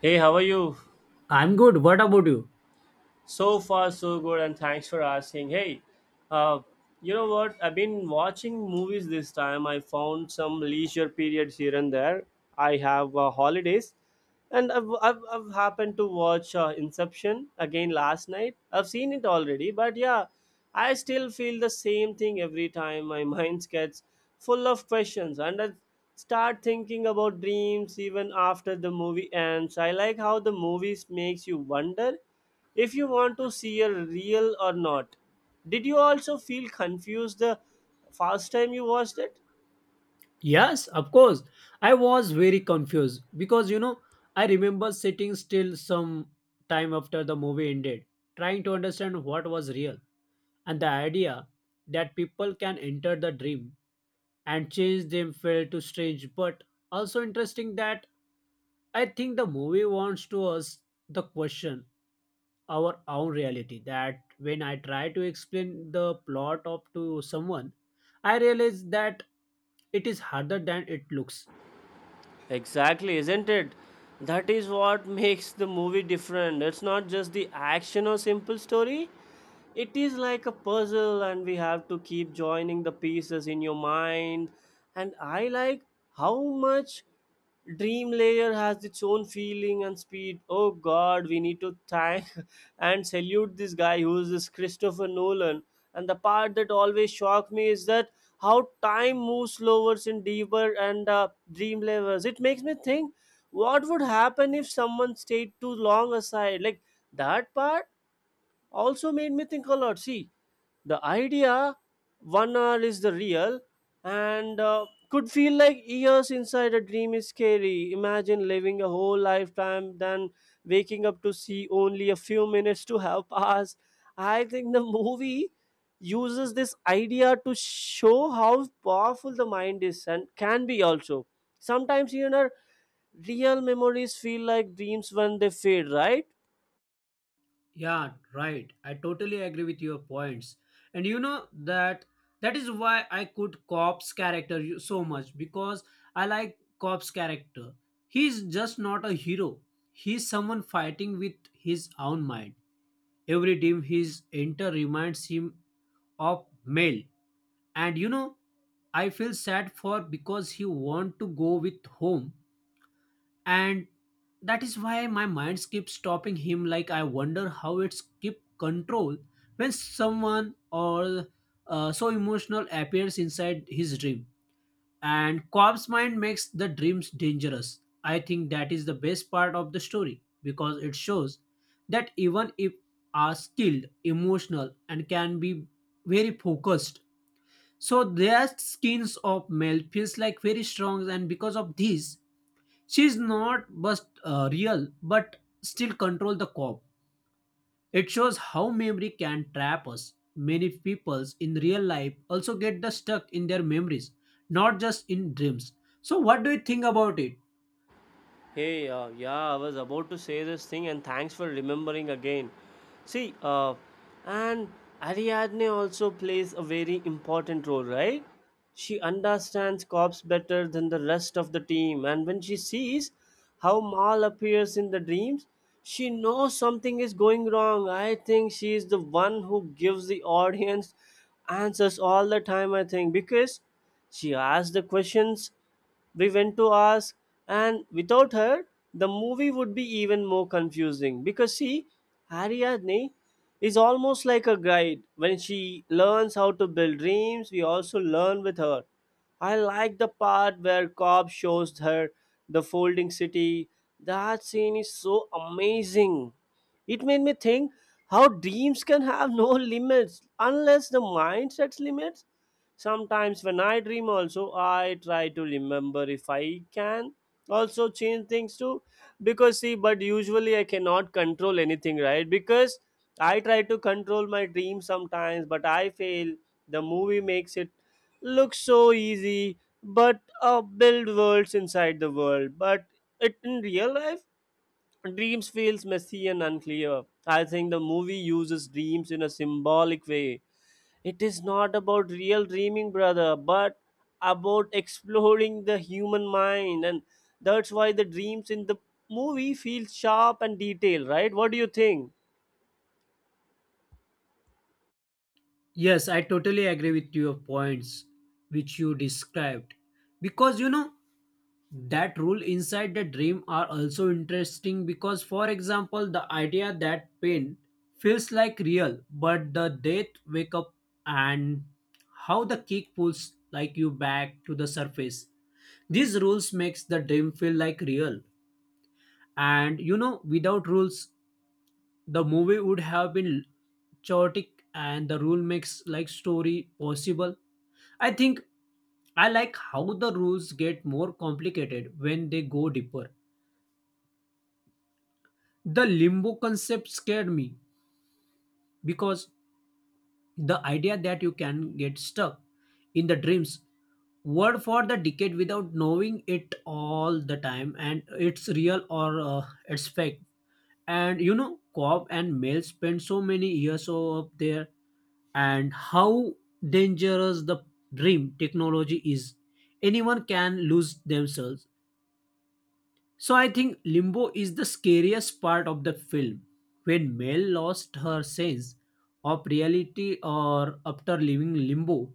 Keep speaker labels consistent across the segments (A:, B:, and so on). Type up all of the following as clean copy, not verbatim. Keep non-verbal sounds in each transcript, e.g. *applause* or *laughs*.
A: Hey, how are you?
B: I'm good. What about you?
A: So far, so good, and thanks for asking. Hey, uh, you know what? I've been watching movies this time. I found some leisure periods here and there. I have holidays, and I've happened to watch Inception again last night. I've seen it already, but yeah, I still feel the same thing every time. My *laughs* mind gets full of questions, and I start thinking about dreams even after the movie ends. I like how the movies makes you wonder if you want to see a real or not. Did you also feel confused the first time you watched it?
B: Yes, of course. I was very confused because you know, I remember sitting still some time after the movie ended, trying to understand what was real, and the idea that people can enter the dream and changed them felt too strange but also interesting. That I think the movie wants to us the question our own reality. That When I try to explain the plot of to someone, I realize that it is harder than it looks.
A: Exactly, isn't it? That is what makes the movie different. It's not just the action or simple story. It is like a puzzle and we have to keep joining the pieces in your mind. And I like how much Dream Layer has its own feeling and speed. Oh God, we need to thank *laughs* and salute this guy who is this Christopher Nolan. And the part that always shocked me is that how time moves slower in deeper and dream layers. It makes me think, what would happen if someone stayed too long aside? Like that part also made me think a lot. See, the idea 1 hour is the real and could feel like years inside a dream is scary. Imagine living a whole lifetime then waking up to see only a few minutes to have passed. I think the movie uses this idea to show how powerful the mind is and can be also. Sometimes, you know, real memories feel like dreams when they fade, right?
B: Yeah, right. I totally agree with your points. And you know that is why I could Cop's character so much because I like Cop's character. He's just not a hero. He's someone fighting with his own mind. Every team his enter reminds him of Mel. And you know, I feel sad for because he want to go with home, and that is why my mind keeps stopping him. Like I wonder how it's keep control when someone or so emotional appears inside his dream and Cobb's mind makes the dreams dangerous. I think that is the best part of the story because it shows that even if are skilled emotional and can be very focused, so their skins of male feels like very strong, and because of this she's not just real, but still control the cop. It shows how memory can trap us. Many peoples in real life also get the stuck in their memories, not just in dreams. So, what do you think about it?
A: Hey, yeah, I was about to say this thing, and thanks for remembering again. See, and Ariadne also plays a very important role, right? She understands cops better than the rest of the team, and when she sees how Mal appears in the dreams, she knows something is going wrong. I think she is the one who gives the audience answers all the time, I think, because she asked the questions we went to ask, and without her, the movie would be even more confusing because see, Ariadne is almost like a guide. When she learns how to build dreams, we also learn with her. I like the part where Cobb shows her the folding city. That scene is so amazing. It made me think how dreams can have no limits unless the mind sets limits. Sometimes when I dream also I try to remember if I can also change things too, because see, but usually I cannot control anything, right? Because I try to control my dream sometimes but I fail. The movie makes it look so easy, but build worlds inside the world, but it in real life dreams feels messy and unclear. I think the movie uses dreams in a symbolic way. It is not about real dreaming, brother, but about exploring the human mind. And that's why the dreams in the movie feel sharp and detailed, right? What do you think?
B: Yes, I totally agree with your points which you described, because you know that rule inside the dream are also interesting because for example the idea that pain feels like real but the death wake up, and how the kick pulls like you back to the surface. These rules makes the dream feel like real. And you know, without rules the movie would have been chaotic, and the rule makes like story possible. I think I like how the rules get more complicated when they go deeper. The limbo concept scared me because the idea that you can get stuck in the dreams word for the decade without knowing it all the time and it's real or it's fake. And you know, Cobb and Mel spent so many years up there, and how dangerous the dream technology is. Anyone can lose themselves. So I think Limbo is the scariest part of the film when Mel lost her sense of reality or after leaving Limbo.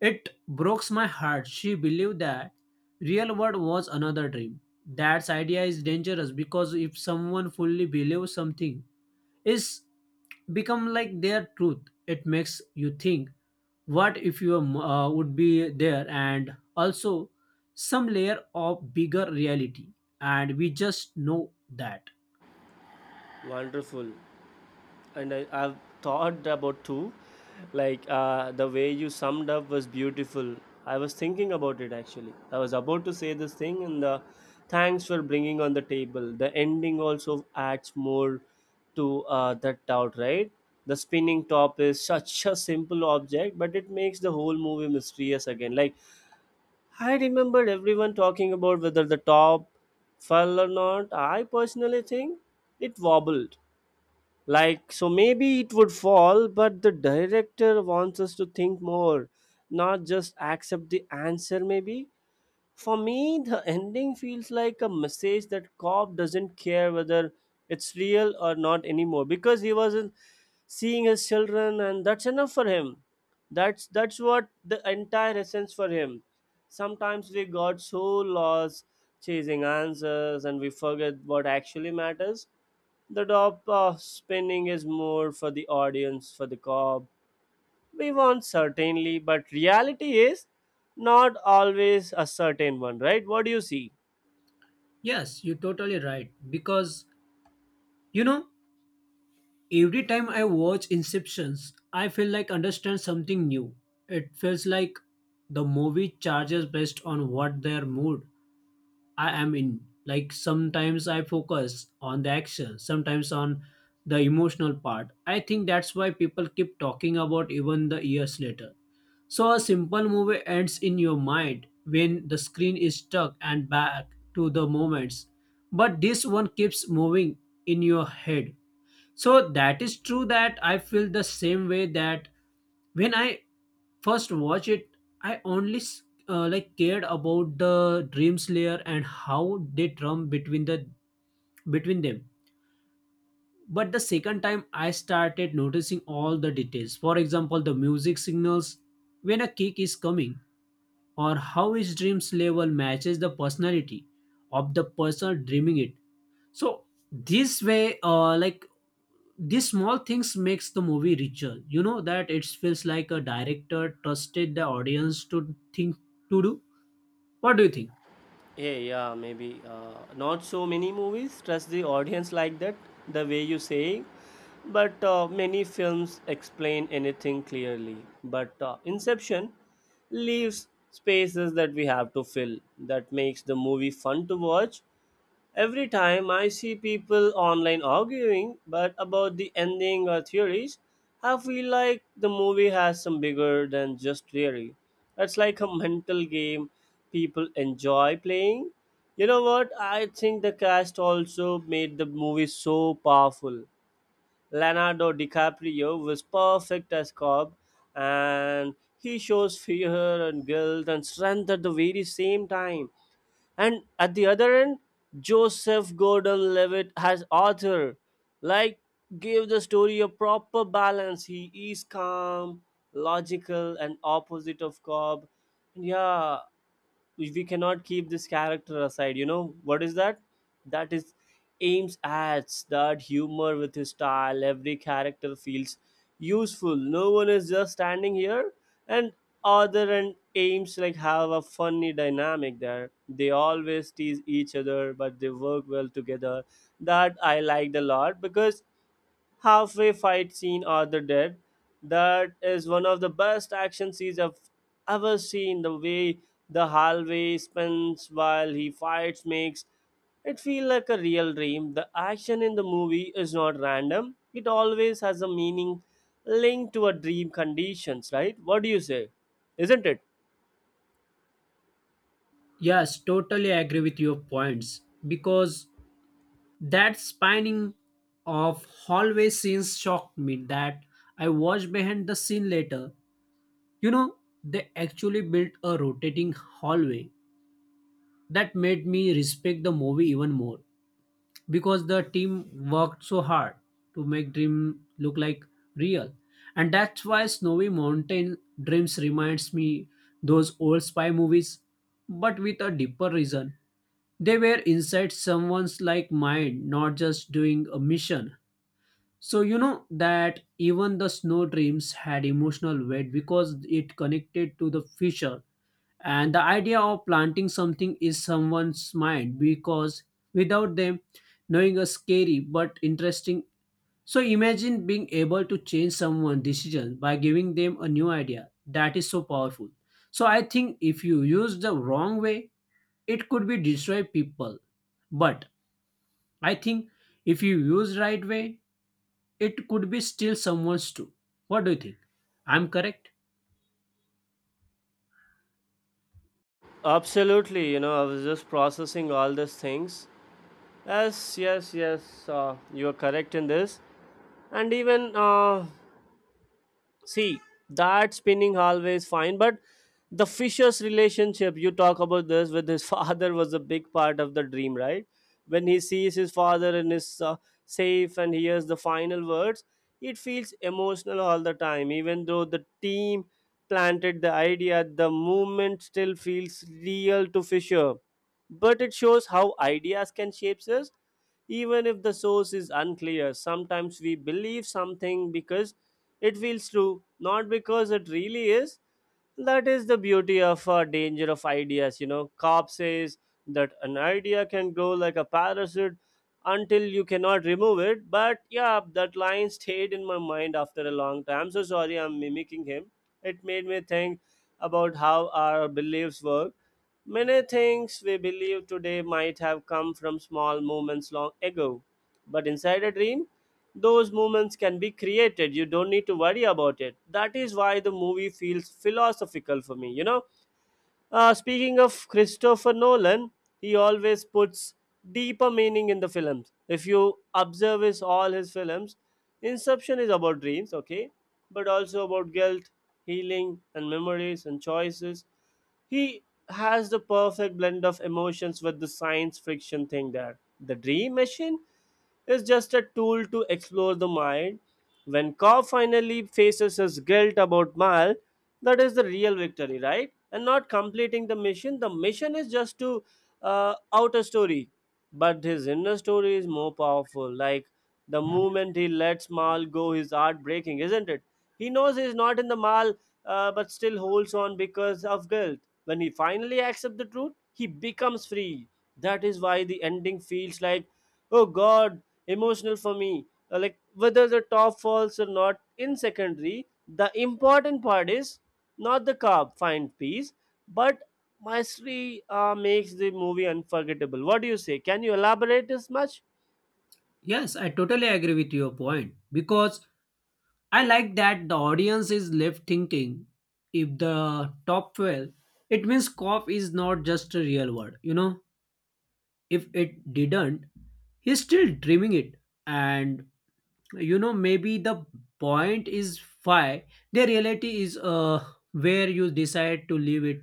B: It broke my heart. She believed that real world was another dream. That idea is dangerous because if someone fully believes something, is become like their truth. It makes you think, what if you would be there, and also some layer of bigger reality, and we just know that.
A: Wonderful. And I've thought about two. Like the way you summed up was beautiful. I was thinking about it actually. I was about to say this thing, and the thanks for bringing on the table. The ending also adds more to that doubt, right? The spinning top is such a simple object, but it makes the whole movie mysterious again. Like I remembered everyone talking about whether the top fell or not. I personally think it wobbled, like, so maybe it would fall, but the director wants us to think more, not just accept the answer, maybe. For me, the ending feels like a message that cop doesn't care whether it's real or not anymore because he wasn't seeing his children, and that's enough for him. That's what the entire essence for him. Sometimes we got so lost chasing answers and we forget what actually matters. The top spinning is more for the audience, for the cob. We want certainly, but reality is not always a certain one, right? What do you see?
B: Yes, you're totally right because you know every time I watch Inceptions, I feel like understand something new. It feels like the movie charges based on what their mood I am in. Like sometimes I focus on the action, sometimes on the emotional part. I think that's why people keep talking about even the years later. So a simple movie ends in your mind when the screen is stuck and back to the moments. But this one keeps moving in your head. So that is true that I feel the same way that when I first watch it i only s- like cared about the dream slayer and how they drum between the between them. But the second time I started noticing all the details, for example the music signals when a kick is coming, or how his dreams level matches the personality of the person dreaming it. So this way, like, these small things makes the movie richer. You know that it feels like a director trusted the audience to think, to do. What do you think?
A: Yeah, yeah, maybe not so many movies trust the audience like that, the way you say. But many films explain anything clearly. But Inception leaves spaces that we have to fill. That makes the movie fun to watch. Every time I see people online arguing but about the ending or theories, I feel like the movie has some bigger than just theory. It's like a mental game people enjoy playing. You know what? I think the cast also made the movie so powerful. Leonardo DiCaprio was perfect as Cobb, and he shows fear and guilt and strength at the very same time, and at the other end, Joseph Gordon Levitt has author. Like, give the story a proper balance. He is calm, logical, and opposite of Cobb. Yeah, we cannot keep this character aside, you know. What is that? That is ames adds that humor with his style. Every character feels useful, no one is just standing here. And other, and ames like have a funny dynamic there. They always tease each other but they work well together. That I liked a lot because halfway fight scene or the dead, that is one of the best action scenes I've ever seen. The way the hallway spins while he fights makes it feel like a real dream. The action in the movie is not random, it always has a meaning linked to a dream conditions, right? What do you say? Isn't it?
B: Yes, totally agree with your points because that spinning of hallway scenes shocked me that I watched behind the scene later. You know, they actually built a rotating hallway that made me respect the movie even more, because the team worked so hard to make dream look like real. And that's why snowy mountain dreams reminds me those old spy movies, but with a deeper reason. They were inside someone's like mind, not just doing a mission. So you know that even the snow dreams had emotional weight because it connected to the future. And the idea of planting something is someone's mind because without them knowing a scary but interesting. So imagine being able to change someone's decision by giving them a new idea. That is so powerful. So I think if you use the wrong way, it could be destroy people. But I think if you use right way, it could be still someone's too. What do you think? I'm correct?
A: Absolutely. You know, I was just processing all these things. Yes, yes, yes, you are correct in this. And even see, that spinning hallway is fine, but the fisher's relationship you talk about this with his *laughs* father was a big part of the dream, right? When he sees his father in his safe and hears the final words, it feels emotional all the time. Even though the team planted the idea, the movement still feels real to fisher, but it shows how ideas can shape us even if the source is unclear. Sometimes we believe something because it feels true, not because it really is. That is the beauty of danger of ideas. You know, Cobb says that an idea can grow like a parasite until you cannot remove it. But yeah, that line stayed in my mind after a long time. I'm so sorry I'm mimicking him. It made me think about how our beliefs work. Many things we believe today might have come from small moments long ago, but inside a dream, those moments can be created. You don't need to worry about it. That is why the movie feels philosophical for me, you know. Speaking of christopher nolan, he always puts deeper meaning in the films. If you observe his all his films, inception is about dreams, okay, but also about guilt, healing and memories and choices. He has the perfect blend of emotions with the science fiction thing. There the dream machine is just a tool to explore the mind. When Cobb finally faces his guilt about Mal, that is the real victory, right? And not completing the mission. The mission is just to outer story, but his inner story is more powerful. Like the moment he lets Mal go, his heart breaking, isn't it? He knows he's not in the Mal, but still holds on because of guilt. When he finally accepts the truth, he becomes free. That is why the ending feels like, oh God, emotional for me. Like whether the top falls or not in secondary, the important part is not the carb find piece, but mastery makes the movie unforgettable. What do you say? Can you elaborate as much?
B: Yes, I totally agree with your point because I like that the audience is left thinking if the top 12. It means Koff is not just a real word. You know, if it didn't, he's still dreaming it. And you know, maybe the point is why the reality is where you decide to leave it.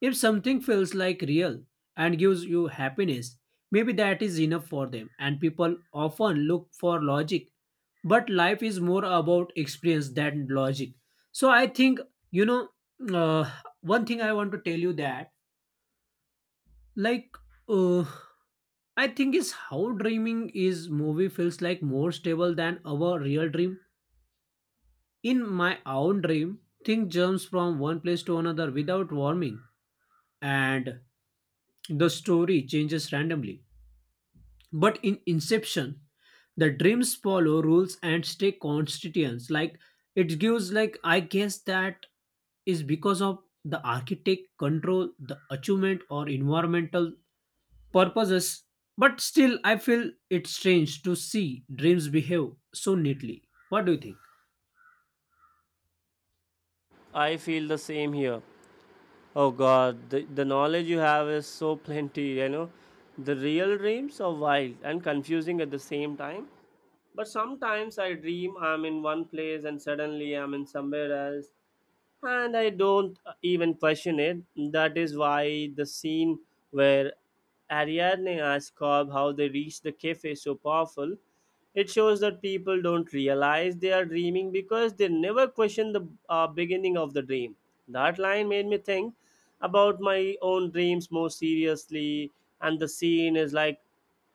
B: If something feels like real and gives you happiness, maybe that is enough for them. And people often look for logic, but life is more about experience than logic. So I think, you know, uh, one thing I want to tell you that, like, uh, I think is how dreaming is movie feels like more stable than our real dream. In my own dream, things jumps from one place to another without warming, and the story changes randomly. But in Inception, the dreams follow rules and stay constituents. Like it gives like I guess that is because of the architect control the achievement or environmental purposes. But still I feel it's strange to see dreams behave so neatly. What do you think?
A: I feel the same here. Oh God, the knowledge you have is so plenty, you know. The real dreams are wild and confusing at the same time. But sometimes I dream I'm in one place and suddenly I'm in somewhere else, and I don't even question it. That is why the scene where Ariadne asks Cobb how they reached the cafe is so powerful. It shows that people don't realize they are dreaming because they never question the beginning of the dream. That line made me think about my own dreams more seriously, and the scene is like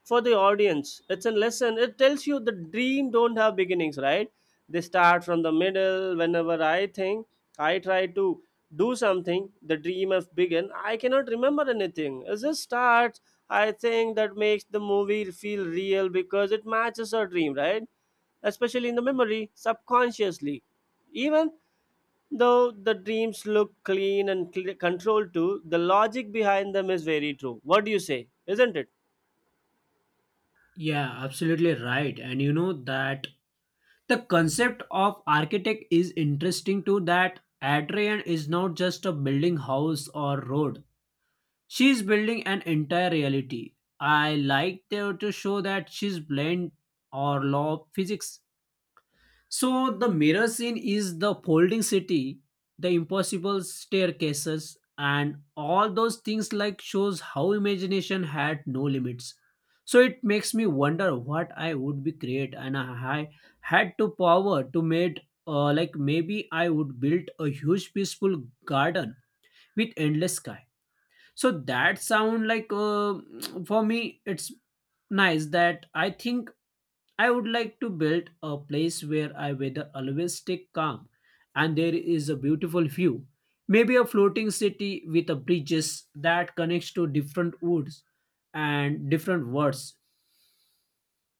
A: for the audience it's a lesson. It tells you the dream don't have beginnings, right? They start from the middle. Whenever I think I try to do something the dream has begun, I cannot remember anything, it just starts. I think that makes the movie feel real because it matches our dream, right? Especially in the memory subconsciously, even though the dreams look clean and controlled too, the logic behind them is very true. What do you say? Isn't it?
B: Yeah, absolutely right. And you know that the concept of architect is interesting too, that adrian is not just a building house or road, she is building an entire reality. I like there to show that she's blend or law of physics. So the mirror scene is the folding city, the impossible staircases, and all those things like shows how imagination had no limits. So it makes me wonder what I would be create, and I had to power to made, like, maybe I would build a huge peaceful garden with endless sky. So that sound like *tsk* for me it's nice. That I think I would like to build a place where I weather always stay calm and there is a beautiful view, maybe a floating city with a bridges that connects to different woods and different words.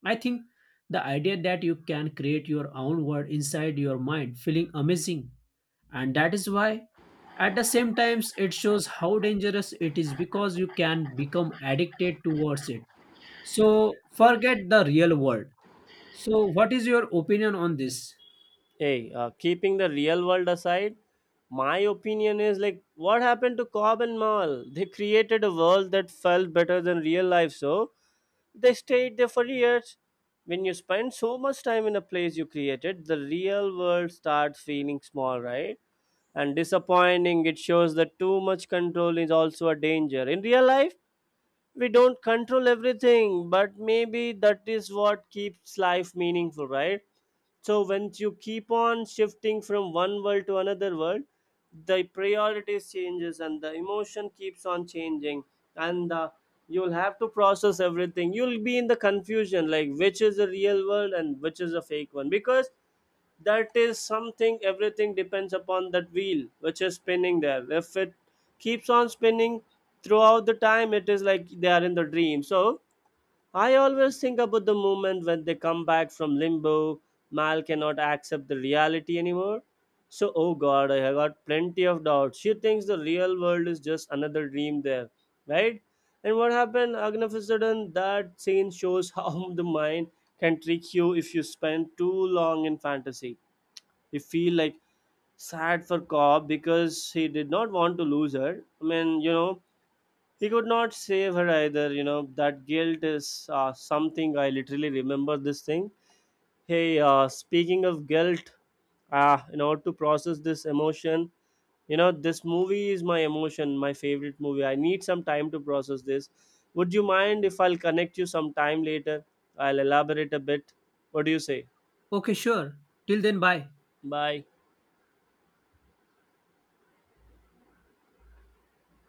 B: I think the idea that you can create your own world inside your mind feeling amazing, and that is why at the same times it shows how dangerous it is because you can become addicted towards it, so forget the real world. So what is your opinion on this?
A: Hey, keeping the real world aside, my opinion is like, what happened to Cobb and Mall? They created a world that felt better than real life, so they stayed there for years. When you spend so much time in a place you created, the real world starts feeling small, right? And disappointing. It shows that too much control is also a danger. In real life, we don't control everything, but maybe that is what keeps life meaningful, right? So when you keep on shifting from one world to another world, the priorities changes and the emotion keeps on changing, and you'll have to process everything. You'll be in the confusion, like which is the real world and which is a fake one, because that is something everything depends upon that wheel which is spinning there. If it keeps on spinning throughout the time, it is like they are in the dream. So I always think about the moment when they come back from limbo. Mal cannot accept the reality anymore. So oh God, I have got plenty of doubts. She thinks the real world is just another dream there, right? And what happened agnafisadon. That scene shows how *laughs* the mind can trick you if you spend too long in fantasy. You feel like sad for cobb because he did not want to lose her, I mean, you know, he could not save her either, you know. That guilt is something I literally remember this thing. Hey, speaking of guilt, in order to process this emotion, you know, this movie is my emotion, my favorite movie. I need some time to process this. Would you mind if I'll connect you sometime later? I'll elaborate a bit. What do you say?
B: Okay, sure. Till then, bye.
A: Bye.